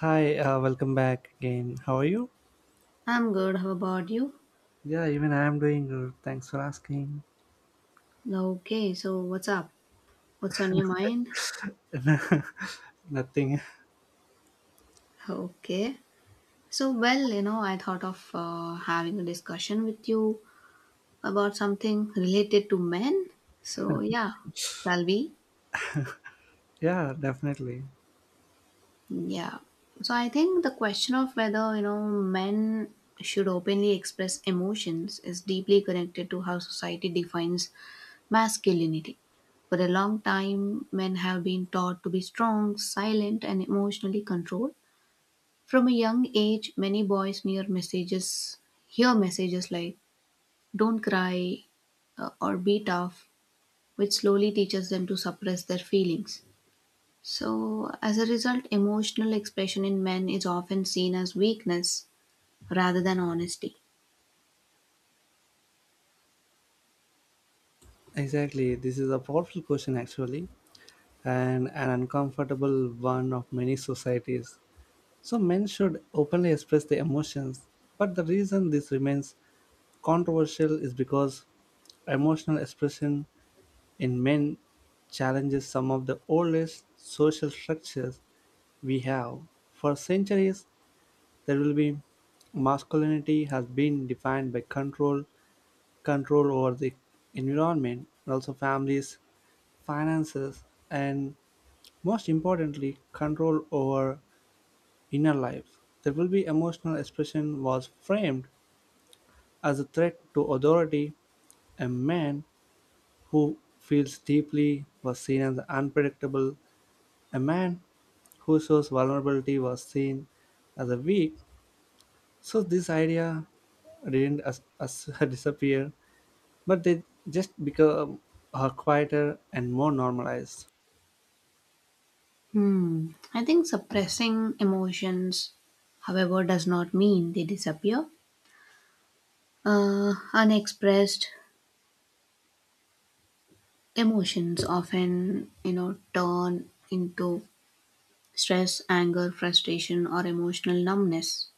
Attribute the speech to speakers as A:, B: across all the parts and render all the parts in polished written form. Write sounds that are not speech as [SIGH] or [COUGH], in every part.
A: Hi, welcome back again. How are you?
B: I'm good. How about you?
A: Yeah, even I am doing good. Thanks for asking.
B: Okay, so what's up? What's on your mind?
A: [LAUGHS] Nothing.
B: Okay. So, I thought of having a discussion with you about something related to men. So, yeah, shall we?
A: Yeah, definitely.
B: Yeah. So, I think the question of whether, men should openly express emotions is deeply connected to how society defines masculinity. For a long time, men have been taught to be strong, silent, and emotionally controlled. From a young age, many boys near messages hear messages like "Don't cry," or "Be tough," which slowly teaches them to suppress their feelings. So, as a result, emotional expression in men is often seen as weakness rather than honesty.
A: Exactly. This is a powerful question, actually, and an uncomfortable one of many societies. So, men should openly express their emotions. But the reason this remains controversial is because emotional expression in men challenges some of the oldest social structures we have. For centuries, there will be masculinity has been defined by control control over the environment and also families, finances, and most importantly control over inner life. There will be emotional expression was framed as a threat to authority. A man who feels deeply was seen as unpredictable. A man who shows vulnerability was seen as a weak. So this idea didn't as [LAUGHS] disappear, but they just become quieter and more normalized.
B: Hmm. I think suppressing emotions, however, does not mean they disappear. Unexpressed emotions often, turn into stress, anger, frustration, or emotional numbness.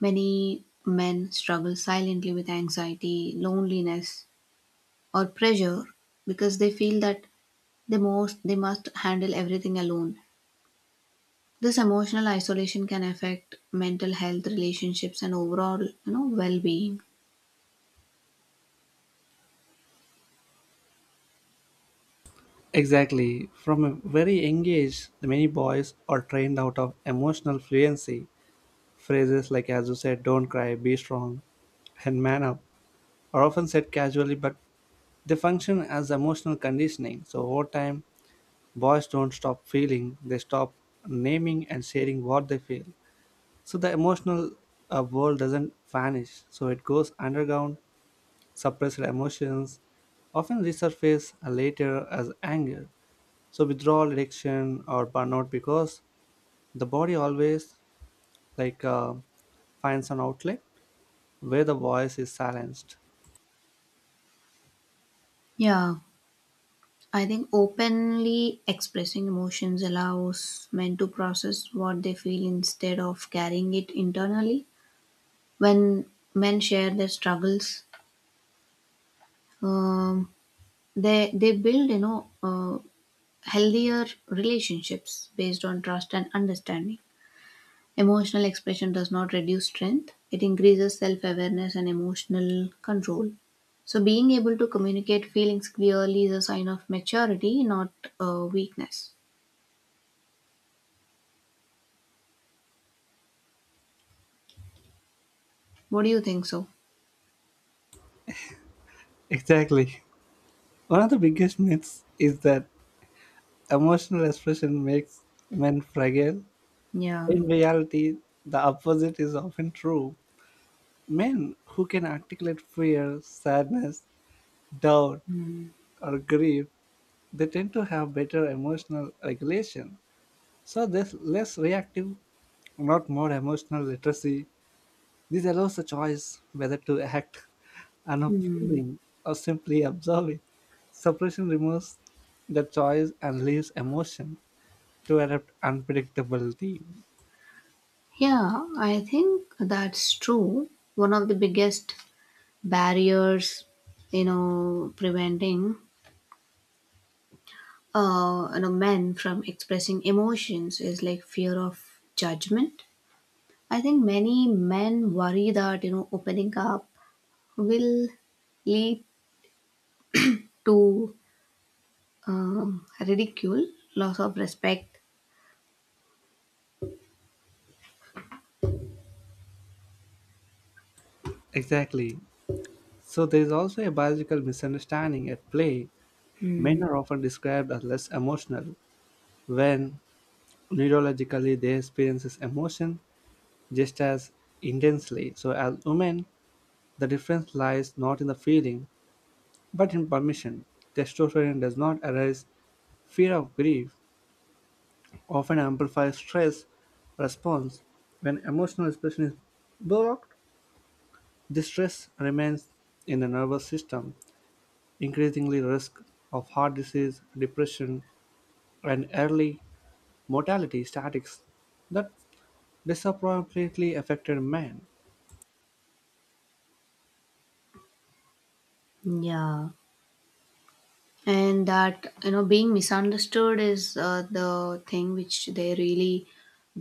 B: Many men struggle silently with anxiety, loneliness, or pressure because they feel that they must handle everything alone. This emotional isolation can affect mental health, relationships, and overall, well-being.
A: Exactly. From a very young age, many boys are trained out of emotional fluency. Phrases like, as you said, don't cry, be strong, and man up are often said casually, but they function as emotional conditioning. So, over time, boys don't stop feeling, they stop naming and sharing what they feel. So, the emotional world doesn't vanish, so it goes underground. Suppressed emotions often resurface later as anger, so withdrawal, addiction, or burnout, because the body always like uh, finds an outlet where the voice is silenced.
B: Yeah, I think openly expressing emotions allows men to process what they feel instead of carrying it internally. When men share their struggles, Um, they build, healthier relationships based on trust and understanding. Emotional expression does not reduce strength; it increases self awareness and emotional control. So, being able to communicate feelings clearly is a sign of maturity, not weakness. What do you think? So,
A: Exactly. One of the biggest myths is that emotional expression makes men fragile.
B: yeah.
A: In reality, the opposite is often true. Men who can articulate fear, sadness, doubt, or grief, they tend to have better emotional regulation. So there's less reactive, not more emotional literacy. This allows the choice whether to act [LAUGHS] on a
B: Hmm.
A: feeling or simply observe it. Suppression removes the choice and leaves emotion to adapt unpredictability.
B: Yeah, I think that's true. One of the biggest barriers, preventing men from expressing emotions is like fear of judgment. I think many men worry that, opening up will lead to ridicule, loss of respect.
A: Exactly. So there is also a biological misunderstanding at play.
B: Hmm,
A: Men are often described as less emotional when neurologically they experience emotion just as intensely. So, as women, the difference lies not in the feeling but in permission. Testosterone does not arise fear of grief, often amplifies stress response. When emotional expression is blocked, this stress remains in the nervous system, increasingly risk of heart disease, depression, and early mortality statics that disproportionately affected men.
B: yeah. And that, being misunderstood is the thing which they really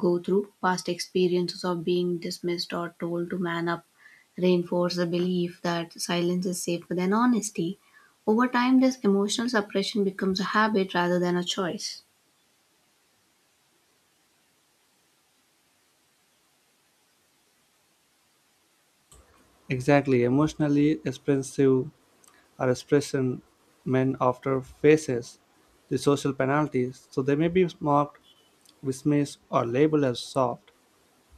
B: go through. Past experiences of being dismissed or told to man up reinforce the belief that silence is safer than honesty. Over time, this emotional suppression becomes a habit rather than a choice.
A: Exactly, emotionally expressive, or expression men after faces the social penalties, so they may be mocked, dismissed, or labeled as soft.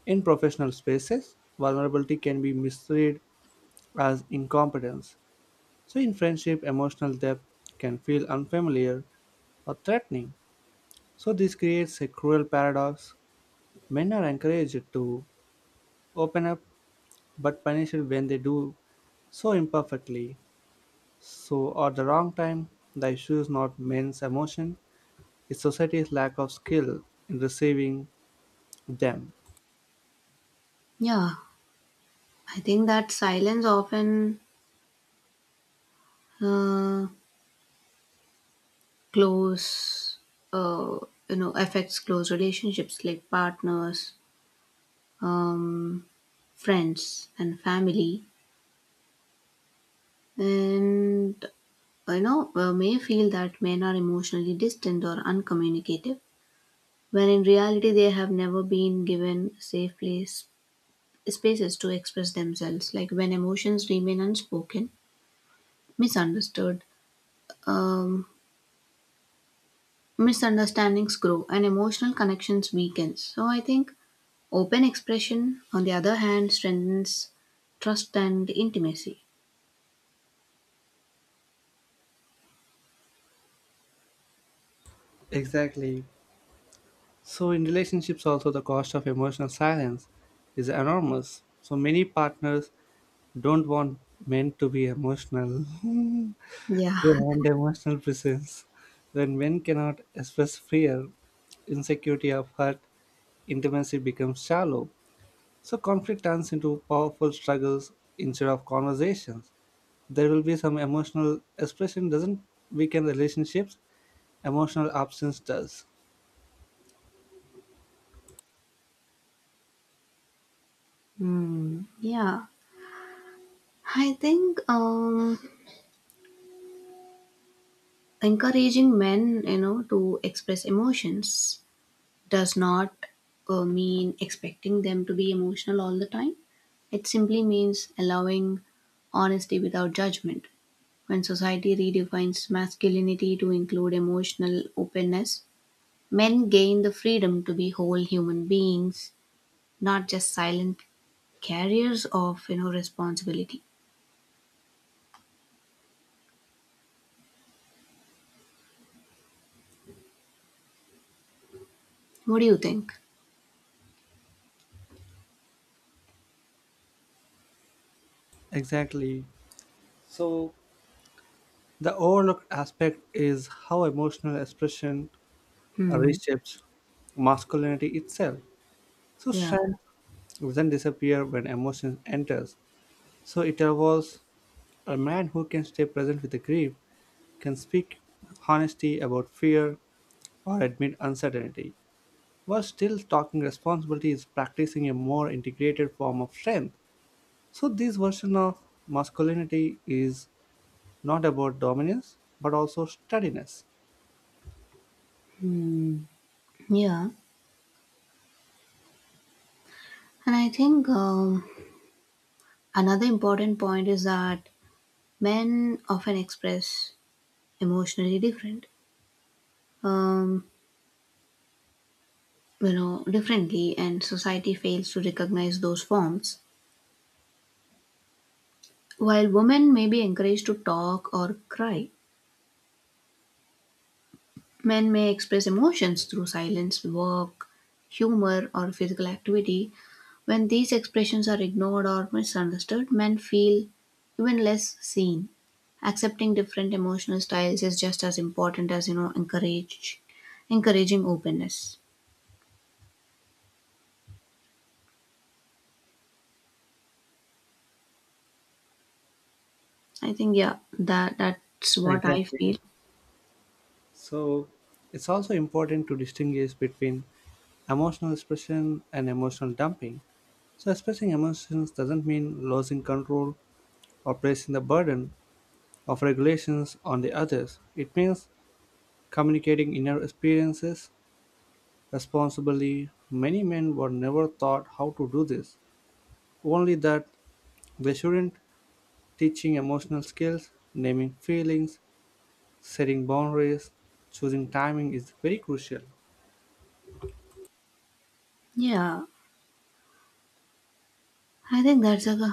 A: In professional spaces, vulnerability can be misread as incompetence. So, in friendship, emotional depth can feel unfamiliar or threatening. So, this creates a cruel paradox. Men are encouraged to open up but punished when they do so imperfectly. So, at the wrong time, the issue is not men's emotion, is society's lack of skill in receiving them.
B: Yeah, I think that silence often uh, close uh, affects close relationships like partners, um, friends, and family. And, may feel that men are emotionally distant or uncommunicative when in reality they have never been given safe place spaces to express themselves. Like when emotions remain unspoken, misunderstood, um, misunderstandings grow and emotional connections weaken. So I think open expression, on the other hand, strengthens trust and intimacy.
A: Exactly. So, in relationships, also the cost of emotional silence is enormous. So, many partners don't want men to be emotional, [LAUGHS]
B: Yeah.
A: they
B: [LAUGHS]
A: want emotional presence. When men cannot express fear, insecurity, or hurt, intimacy becomes shallow. So, conflict turns into powerful struggles instead of conversations. There will be some emotional expression doesn't weaken relationships, emotional absence does.
B: Hmm. Yeah, I think, encouraging men, to express emotions does not mean expecting them to be emotional all the time. It simply means allowing honesty without judgment. When society redefines masculinity to include emotional openness, men gain the freedom to be whole human beings, not just silent carriers of, responsibility. What do you think?
A: Exactly. So, the overlooked aspect is how emotional expression
B: Hmm.
A: reshapes masculinity itself. So
B: Yeah.
A: strength doesn't disappear when emotion enters. So it evolves. A man who can stay present with the grief, can speak honesty about fear or admit uncertainty. While still talking responsibility is practicing a more integrated form of strength. So this version of masculinity is not about dominance but also steadiness.
B: Yeah, and I think, another important point is that men often express emotionally different, um, you know, differently, and society fails to recognize those forms. While women may be encouraged to talk or cry, men may express emotions through silence, work, humor, or physical activity. When these expressions are ignored or misunderstood, men feel even less seen. Accepting different emotional styles is just as important as, you know encourage encouraging openness. I think, yeah, that's what I
A: Exactly.
B: feel.
A: So it's also important to distinguish between emotional expression and emotional dumping. So expressing emotions doesn't mean losing control or placing the burden of regulations on the others. It means communicating inner experiences responsibly. Many men were never taught how to do this, only that they shouldn't. Teaching emotional skills, naming feelings, setting boundaries, choosing timing is very crucial.
B: Yeah, I think that's a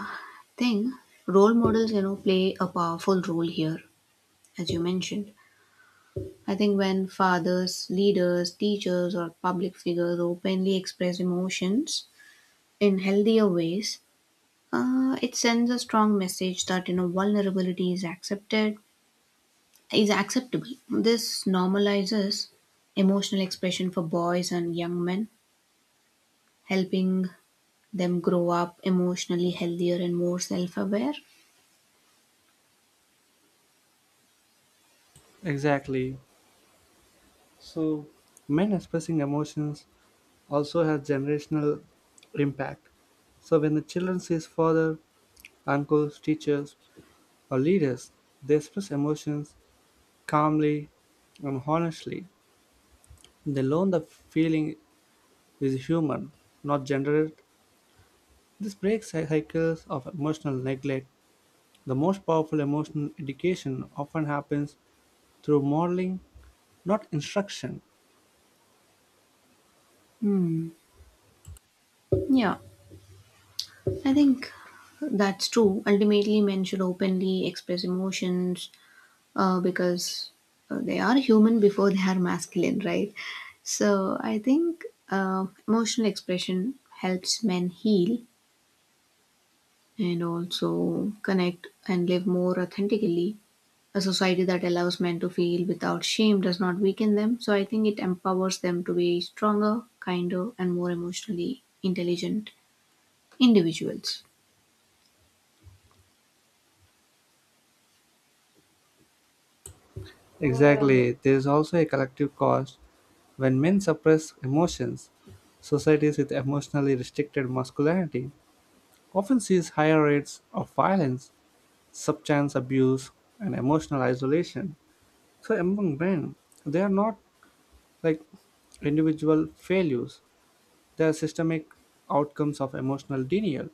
B: thing. Role models, play a powerful role here, as you mentioned. I think when fathers, leaders, teachers, or public figures openly express emotions in healthier ways, it sends a strong message that, vulnerability is acceptable. This normalizes emotional expression for boys and young men, helping them grow up emotionally healthier and more self-aware.
A: Exactly. So, men expressing emotions also has generational impact. So, when the children sees father, uncles, teachers, or leaders, they express emotions calmly and honestly. They learn the feeling is human, not gendered. This breaks cycles of emotional neglect. The most powerful emotional education often happens through modeling, not instruction.
B: Hmm. Yeah, I think that's true. Ultimately, men should openly express emotions because they are human before they are masculine, right? So I think emotional expression helps men heal and also connect and live more authentically. A society that allows men to feel without shame does not weaken them. So I think it empowers them to be stronger, kinder, and more emotionally intelligent individuals.
A: Exactly. There is also a collective cost. When men suppress emotions, societies with emotionally restricted masculinity often sees higher rates of violence, substance abuse, and emotional isolation. So among men, they are not like individual failures. They are systemic outcomes of emotional denial.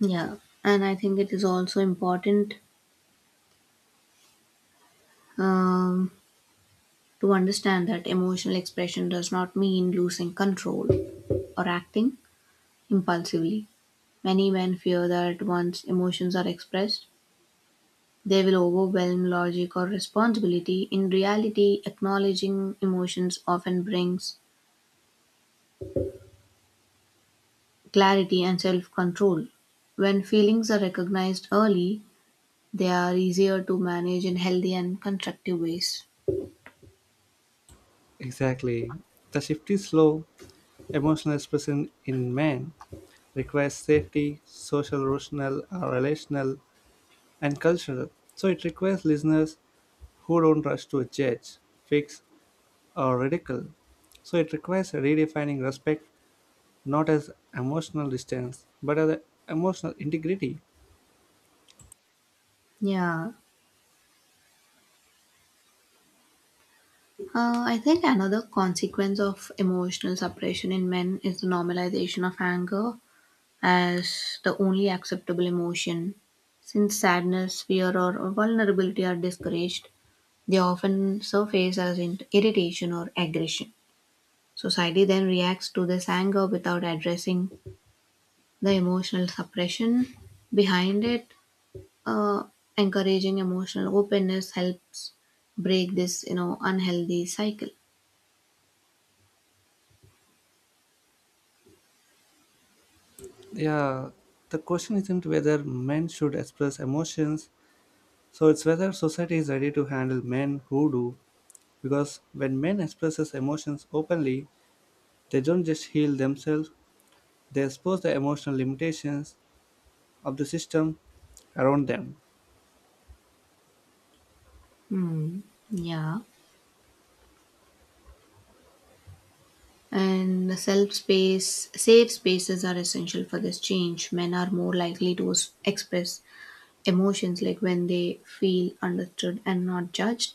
B: Yeah, and I think it is also important. Um, To understand that emotional expression does not mean losing control or acting impulsively. Many men fear that once emotions are expressed, they will overwhelm logic or responsibility. In reality, acknowledging emotions often brings clarity and self control. When feelings are recognized early, they are easier to manage in healthy and constructive ways.
A: Exactly. The shift is slow, emotional expression in men requires safety, social, rational, relational, and cultural. So it requires listeners who don't rush to judge, fix, or ridicule. So it requires redefining respect not as emotional distance but as emotional integrity.
B: Yeah, I think another consequence of emotional suppression in men is the normalization of anger as the only acceptable emotion. Since sadness, fear, or vulnerability are discouraged, they often surface as irritation or aggression. Society then reacts to this anger without addressing the emotional suppression behind it. Uh, Encouraging emotional openness helps break this, unhealthy cycle.
A: Yeah, the question isn't whether men should express emotions, so it's whether society is ready to handle men who do. Because when men expresses emotions openly, they don't just heal themselves, they expose their emotional limitations of the system around them.
B: Hmm. Yeah. And safe spaces are essential for this change. Men are more likely to express emotions like when they feel understood and not judged.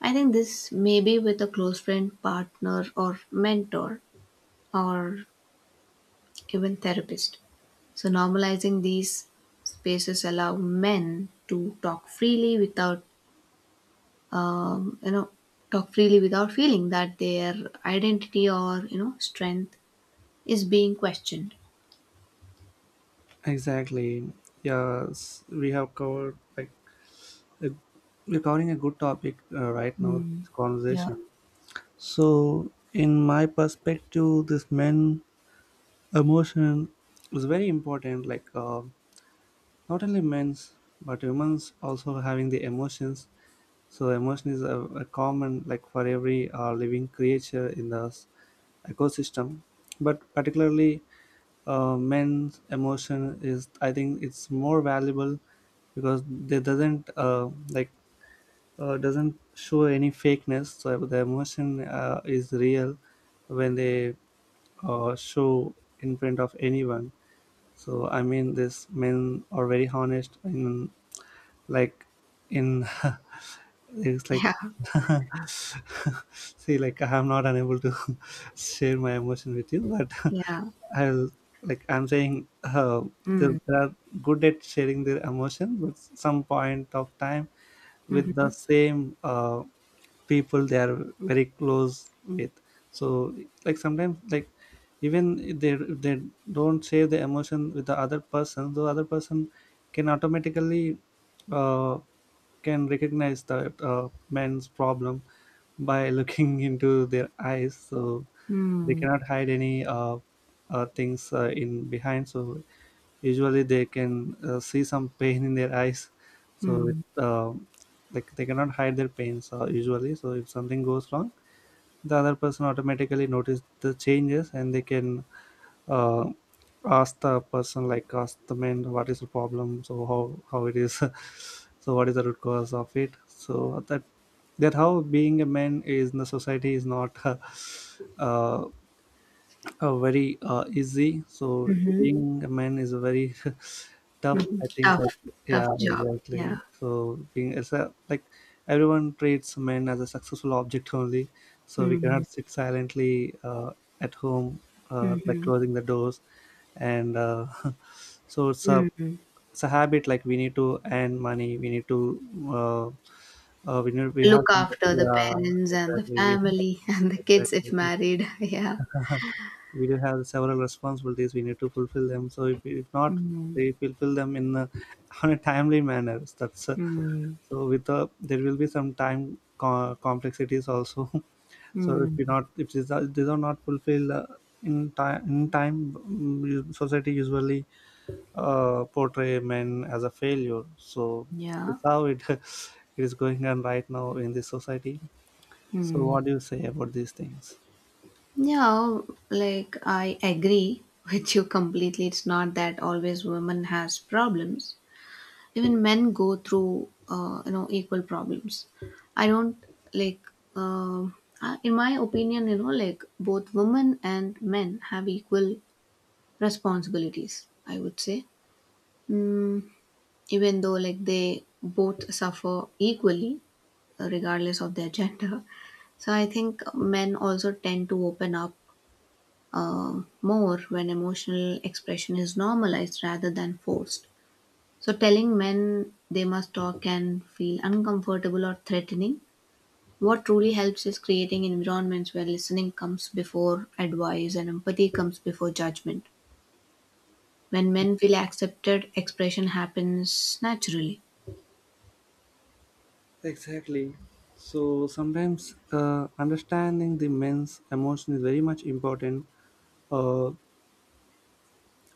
B: I think this may be with a close friend, partner, or mentor, or even therapist. So, normalizing these spaces allow men to talk freely without, you know, feeling that their identity or, strength is being questioned.
A: Exactly. Yes, we have covered like a, we're covering a good topic right now.
B: Mm.
A: This
B: Yeah.
A: conversation. So, in my perspective, this men emotion is very important. Like not only men's but women's also having the emotions. So, emotion is a common like for every living creature in the ecosystem, but particularly men's emotion is, I think, it's more valuable because they doesn't like doesn't show any fakeness, so the emotion is real when they show in front of anyone. So I mean this men are very honest in like in [LAUGHS] it's
B: Yeah.
A: like, [LAUGHS] see, like I'm not unable to [LAUGHS] share my emotion with you, but
B: Yeah.
A: [LAUGHS] I'll like I'm saying they
B: Mm.
A: they are good at sharing their emotion, but some point of time with the
B: Mhm.
A: same people they are very close with. So like sometimes like even if they don't share the emotion with the other person can automatically uh, can recognize that men's problem by looking [LAUGHS] into their eyes. So they
B: Mm.
A: cannot hide any things in behind. So usually they can see some pain in their eyes so
B: Mm.
A: like they cannot hide their pains, usually. So if something goes wrong the other person automatically notice the changes and they can uh, ask the person, like ask the man what is the problem. So how it is [LAUGHS] so what is the root cause of it, so that how being a man is in the society is not [LAUGHS] uh, very easy. So
B: Mhm.
A: being a man is a very [LAUGHS] tough,
B: Mhm.
A: I think, like
B: Tough.
A: yeah
B: Tough job. Yeah.
A: exactly. So being it's a, like everyone treats men as a successful object only. So we
B: Mm.
A: cannot sit silently at home, like
B: Mhm.
A: closing the doors and [LAUGHS] so it's a,
B: Mm.
A: it's a habit. Like we need to earn money, we need to uh, we have
B: Look
A: some,
B: after the
A: yeah
B: parents and the
A: exactly we
B: family [LAUGHS] and the kids if
A: exactly
B: married. [LAUGHS] Yeah.
A: [LAUGHS] we do have several responsibilities we need to fulfill them. So if not
B: Mm.
A: they fulfill them in a, [LAUGHS] on a timely manner, that's
B: Mm.
A: so with there will be some time complexities also. [LAUGHS] So if
B: Mm.
A: you not, if these are, these are not fulfilled in time, mm, society usually portray men as a failure. So
B: Yeah.
A: that's how it [LAUGHS] it is going on right now in this society. So
B: Mm.
A: what do you say about these things?
B: Yeah, like, I agree with you completely. It's not that always women has problems. Even men go through, equal problems. I don't like um in my opinion, like, both women and men have equal responsibilities, I would say. mm, Even though, like, they both suffer equally regardless of their [LAUGHS] gender. So I think men also tend to open up more when emotional expression is normalized rather than forced. So, telling men they must talk can feel uncomfortable or threatening. What truly helps is creating environments where listening comes before advice and empathy comes before judgment. When men feel accepted, expression happens naturally.
A: Exactly. So sometimes understanding the men's emotion is very much important. Uh,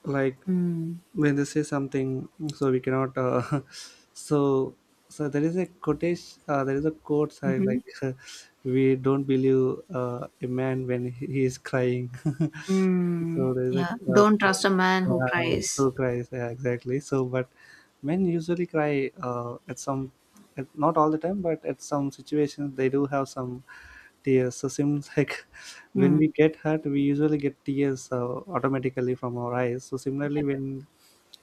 A: like
B: Hmm.
A: when they say something, so we cannot [LAUGHS] so so there is a quotation, there is a quote I
B: Hmm.
A: like. [LAUGHS] We don't believe a man when he is crying, [LAUGHS]
B: Mm.
A: so there is a
B: Yeah.
A: uh,
B: Don't trust a man who
A: uh,
B: cries.
A: who cries, yeah, exactly. So but men usually cry at some at, not all the time, but at some situations they do have some tears. So seems like [LAUGHS] when
B: Hmm.
A: we get hurt we usually get tears, automatically from our eyes. So similarly when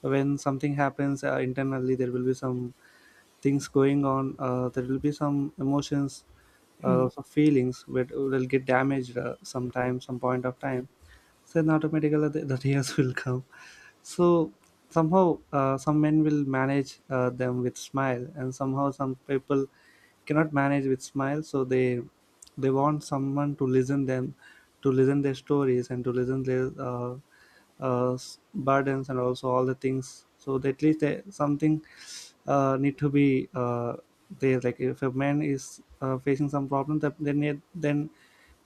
A: something happens internally, there will be some things going on, there will be some emotions,
B: Hmm.
A: some feelings which will get damaged, sometime some point of time. So then automatically the tears [LAUGHS] will come. So somehow some men will manage them with smile, and somehow some people cannot manage with smile, so they want someone to listen them, to listen their stories, and to listen their burdens and also all the things. So that at least they, something need to be there, like if a man is facing some problem, that then it, then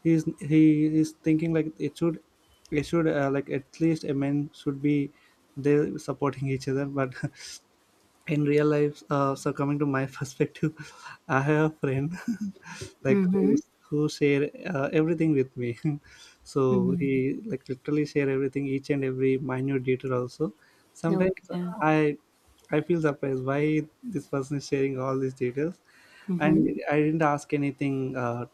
A: he is thinking like it should, it should like at least a man should be there supporting each other. But [LAUGHS] in real life, so coming to my [LAUGHS] perspective, I have a friend, [LAUGHS] like
B: Mm-hmm.
A: who share everything with me. [LAUGHS] So
B: Hmm.
A: he like literally share everything, each and Every minute detail also sometimes
B: Okay.
A: i I feel surprised why this person is sharing all these details,
B: Mm-hmm.
A: and I didn't ask anything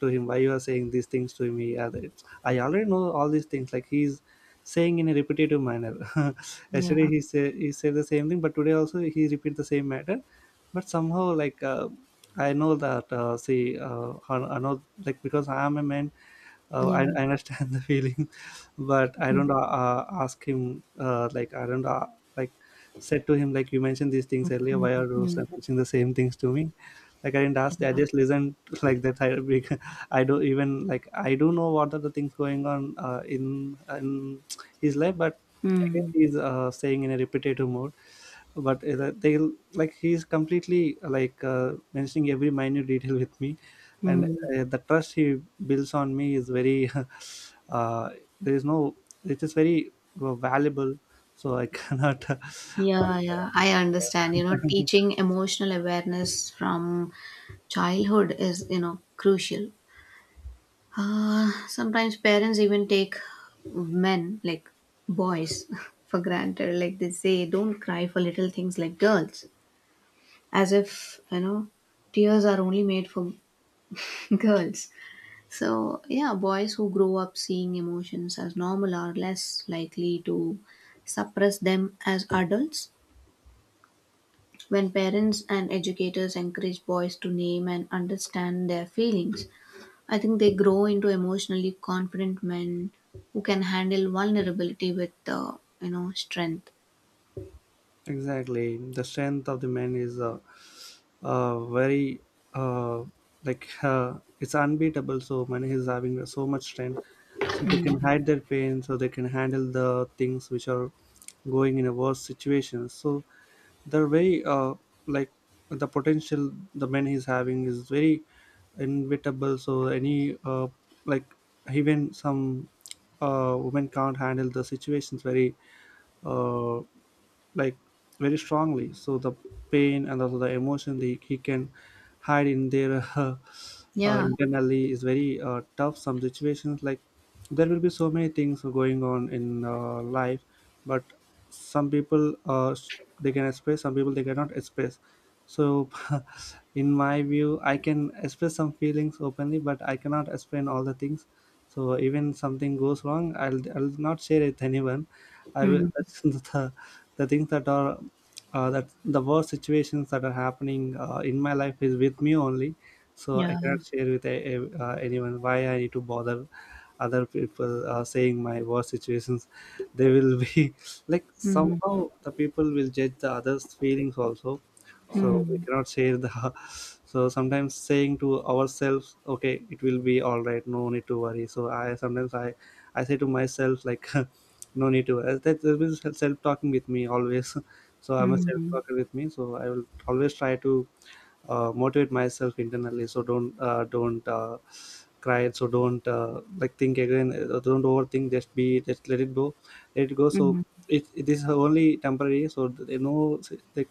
A: to him why you are saying these things to me. Yeah, I already know all these things, like he's saying in a repetitive manner. [LAUGHS]
B: Yeah.
A: Yesterday he said the same thing, but today also he repeat the same matter. But somehow like I know that see I know, like because I am a man.
B: Yeah.
A: I understand the feeling. [LAUGHS] But I
B: Mm-hmm.
A: don't ask him, like I don't like said to him like you mentioned these things earlier. Why are you
B: Hmm.
A: so mentioning the same things to me? Like I didn't ask. I just listened [LAUGHS] like that. I [LAUGHS] I don't even, like I do know what are the things going on in his life, but again
B: Hmm.
A: he's saying in a repetitive mode. But they'll like he's completely like mentioning every minute detail with me, and
B: Hmm.
A: the trust he builds on me is very [LAUGHS] uh, there is no, it is very valuable. So I cannot [LAUGHS]
B: Yeah, yeah, I understand. You know,
A: [LAUGHS]
B: teaching emotional awareness from childhood is, crucial. Sometimes parents even take men, like boys, [LAUGHS] for granted. Like they say, don't cry for little things like girls, as if, tears are only made for [LAUGHS] girls. So, yeah, boys who grow up seeing emotions as normal are less likely to suppress them as adults. When parents and educators encourage boys to name and understand their feelings, I think they grow into emotionally confident men who can handle vulnerability with, strength.
A: exactly. The strength of the men is very uh, like it's unbeatable. So man is having so much strength, so they can hide their pain, so they can handle the things which are going in a worse situation. So they're very like the potential the man is having is very inevitable. So any like even some women can't handle the situations very uh, like very strongly. So the pain and also the emotion that he can hide in there, [LAUGHS]
B: Yeah.
A: internally is very tough. Some situations, like there will be so many things going on in life, but some people they can express, some people they cannot express. So [LAUGHS] in my view I can express some feelings openly, but I cannot explain all the things. So even something goes wrong, I'll not share it with anyone. I will
B: Mm.
A: [LAUGHS] that's the things that are that the worst situations that are happening in my life is with me only. So I
B: Yeah.
A: cannot share with anyone. Why I need to bother other people are saying my worst situations? They will be [LAUGHS] like
B: Mm.
A: somehow the people will judge the others feelings also. So we
B: Mm.
A: cannot share the [LAUGHS] so sometimes saying to ourselves, okay, it will be all right, no need to worry. So I sometimes I say to myself like [LAUGHS] no need to worry. That there is self-talking with me always. [LAUGHS] So I'm a
B: Mm.
A: self-talker with me, so I will always try to motivate myself internally. So don't cry, so don't like think again, don't overthink, just be, just let it go, let it go. So
B: Mm.
A: it is only temporary. So like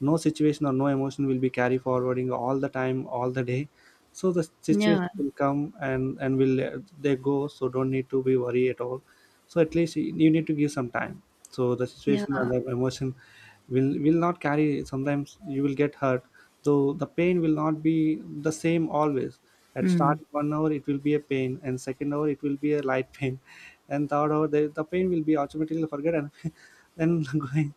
A: no situation or no emotion will be carry forwarding all the time, all the day. So the
B: Yeah.
A: situation will come, and will they go. So don't need to be worry at all. So at least you need to give some time. So the
B: Yeah.
A: situation and the emotion will not carry. Sometimes you will get hurt, though the pain will not be the same always. At
B: Mm.
A: start, 1 hour it will be a pain, and second hour it will be a light [LAUGHS] pain, and third hour the pain will be automatically forget and [LAUGHS] then [LAUGHS] going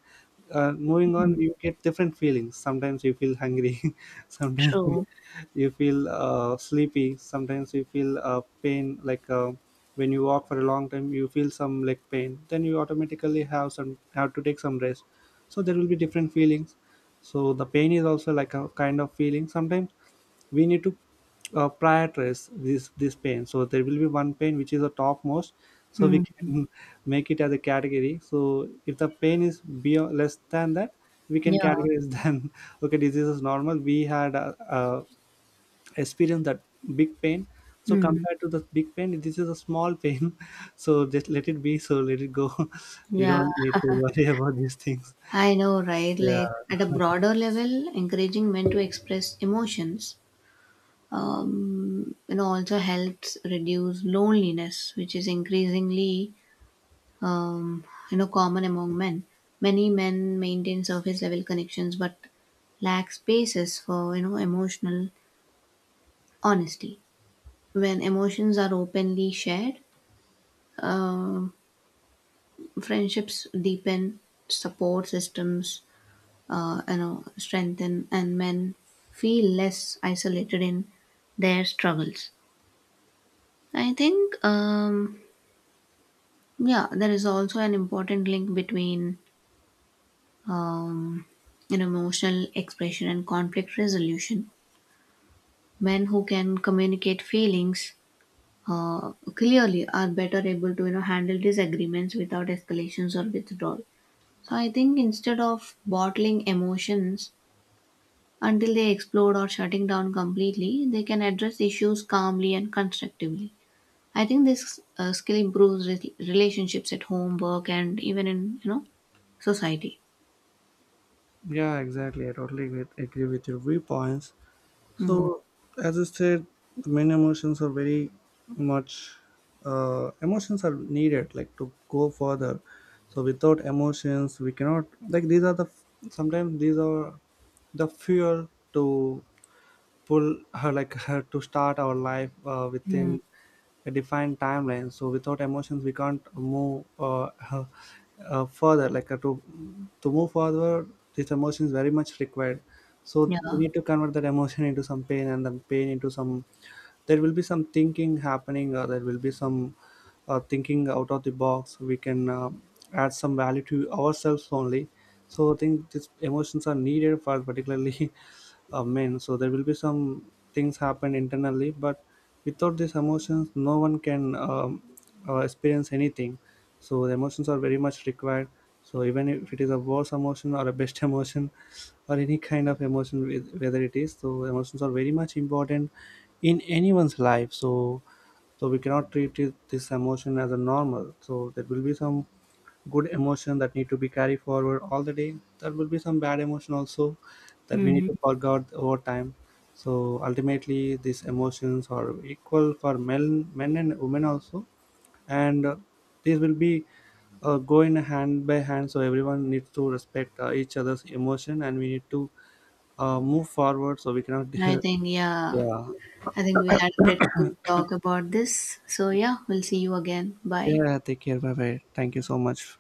A: moving
B: Mm.
A: on, you get different feelings. Sometimes you feel hungry, [LAUGHS] sometimes
B: True.
A: you feel sleepy, sometimes you feel pain, like when you walk for a long time you feel some leg pain, then you automatically have some have to take some rest. So there will be different feelings. So the pain is also like a kind of feeling. Sometimes we need to prioritize this pain. So there will be one pain which is the topmost. So we
B: Mm.
A: can [LAUGHS] make it as a category. So if the pain is beyond less than that, we can
B: Yeah.
A: categorize [LAUGHS] then okay, disease is normal. We had experience that big pain, so
B: Mm.
A: compared to the big pain this is a small pain. [LAUGHS] So just let it be, so let it go. [LAUGHS] We
B: Yeah.
A: don't need to worry [LAUGHS] about these things.
B: I know, right?
A: Yeah,
B: Like, at a broader level, encouraging men to express emotions, also helps reduce loneliness, which is increasingly, um, common among men. Many men maintain surface level connections but lack spaces for, emotional honesty. When emotions are openly shared, um friendships deepen, support systems strengthen, and men feel less isolated in their struggles. I think, yeah, there is also an important link between, um, an emotional expression and conflict resolution. Men who can communicate feelings clearly are better able to, handle disagreements without escalations or withdrawal. So I think instead of bottling emotions until they explode or shutting down completely, they can address issues calmly and constructively. I think this skill improves relationships at home, work, and even in, society.
A: yeah, exactly. I totally agree with your viewpoints.
B: Mm,
A: So as I said, many emotions are very much emotions are needed like to go further. So without emotions we cannot, like these are the, sometimes these are the fuel to pull her, like her to start our life
B: mm,
A: within a defined timeline. So without emotions we can't move further, like to move forward. This emotion is very much required. So we
B: yeah.
A: need to convert that emotion into some pain, and then pain into some there will be some thinking happening, or there will be some thinking out of the box. We can add some value to ourselves only. So I think these emotions are needed for particularly [LAUGHS] men. So there will be some things happen internally, but without these emotions no one can experience anything. So the emotions are very much required. So even if it is a worse emotion or a best [LAUGHS] emotion or any kind of emotion whether it is, so emotions are very much important in anyone's life. So so we cannot this emotion as a normal. So there will be some good emotion that need to be carried forward all the day, there will be some bad emotion also that we need
B: Mhm.
A: to forget over time. So ultimately these emotions are equal for men and women also. And these will be going hand by hand. So everyone needs to respect each other's emotion, and we need to move forward. So we cannot
B: I think,
A: [LAUGHS]
B: yeah.
A: yeah,
B: I think we had a pretty good talk about this. So, yeah, we'll see you again. Bye.
A: yeah, take care, bye bye, thank you so much.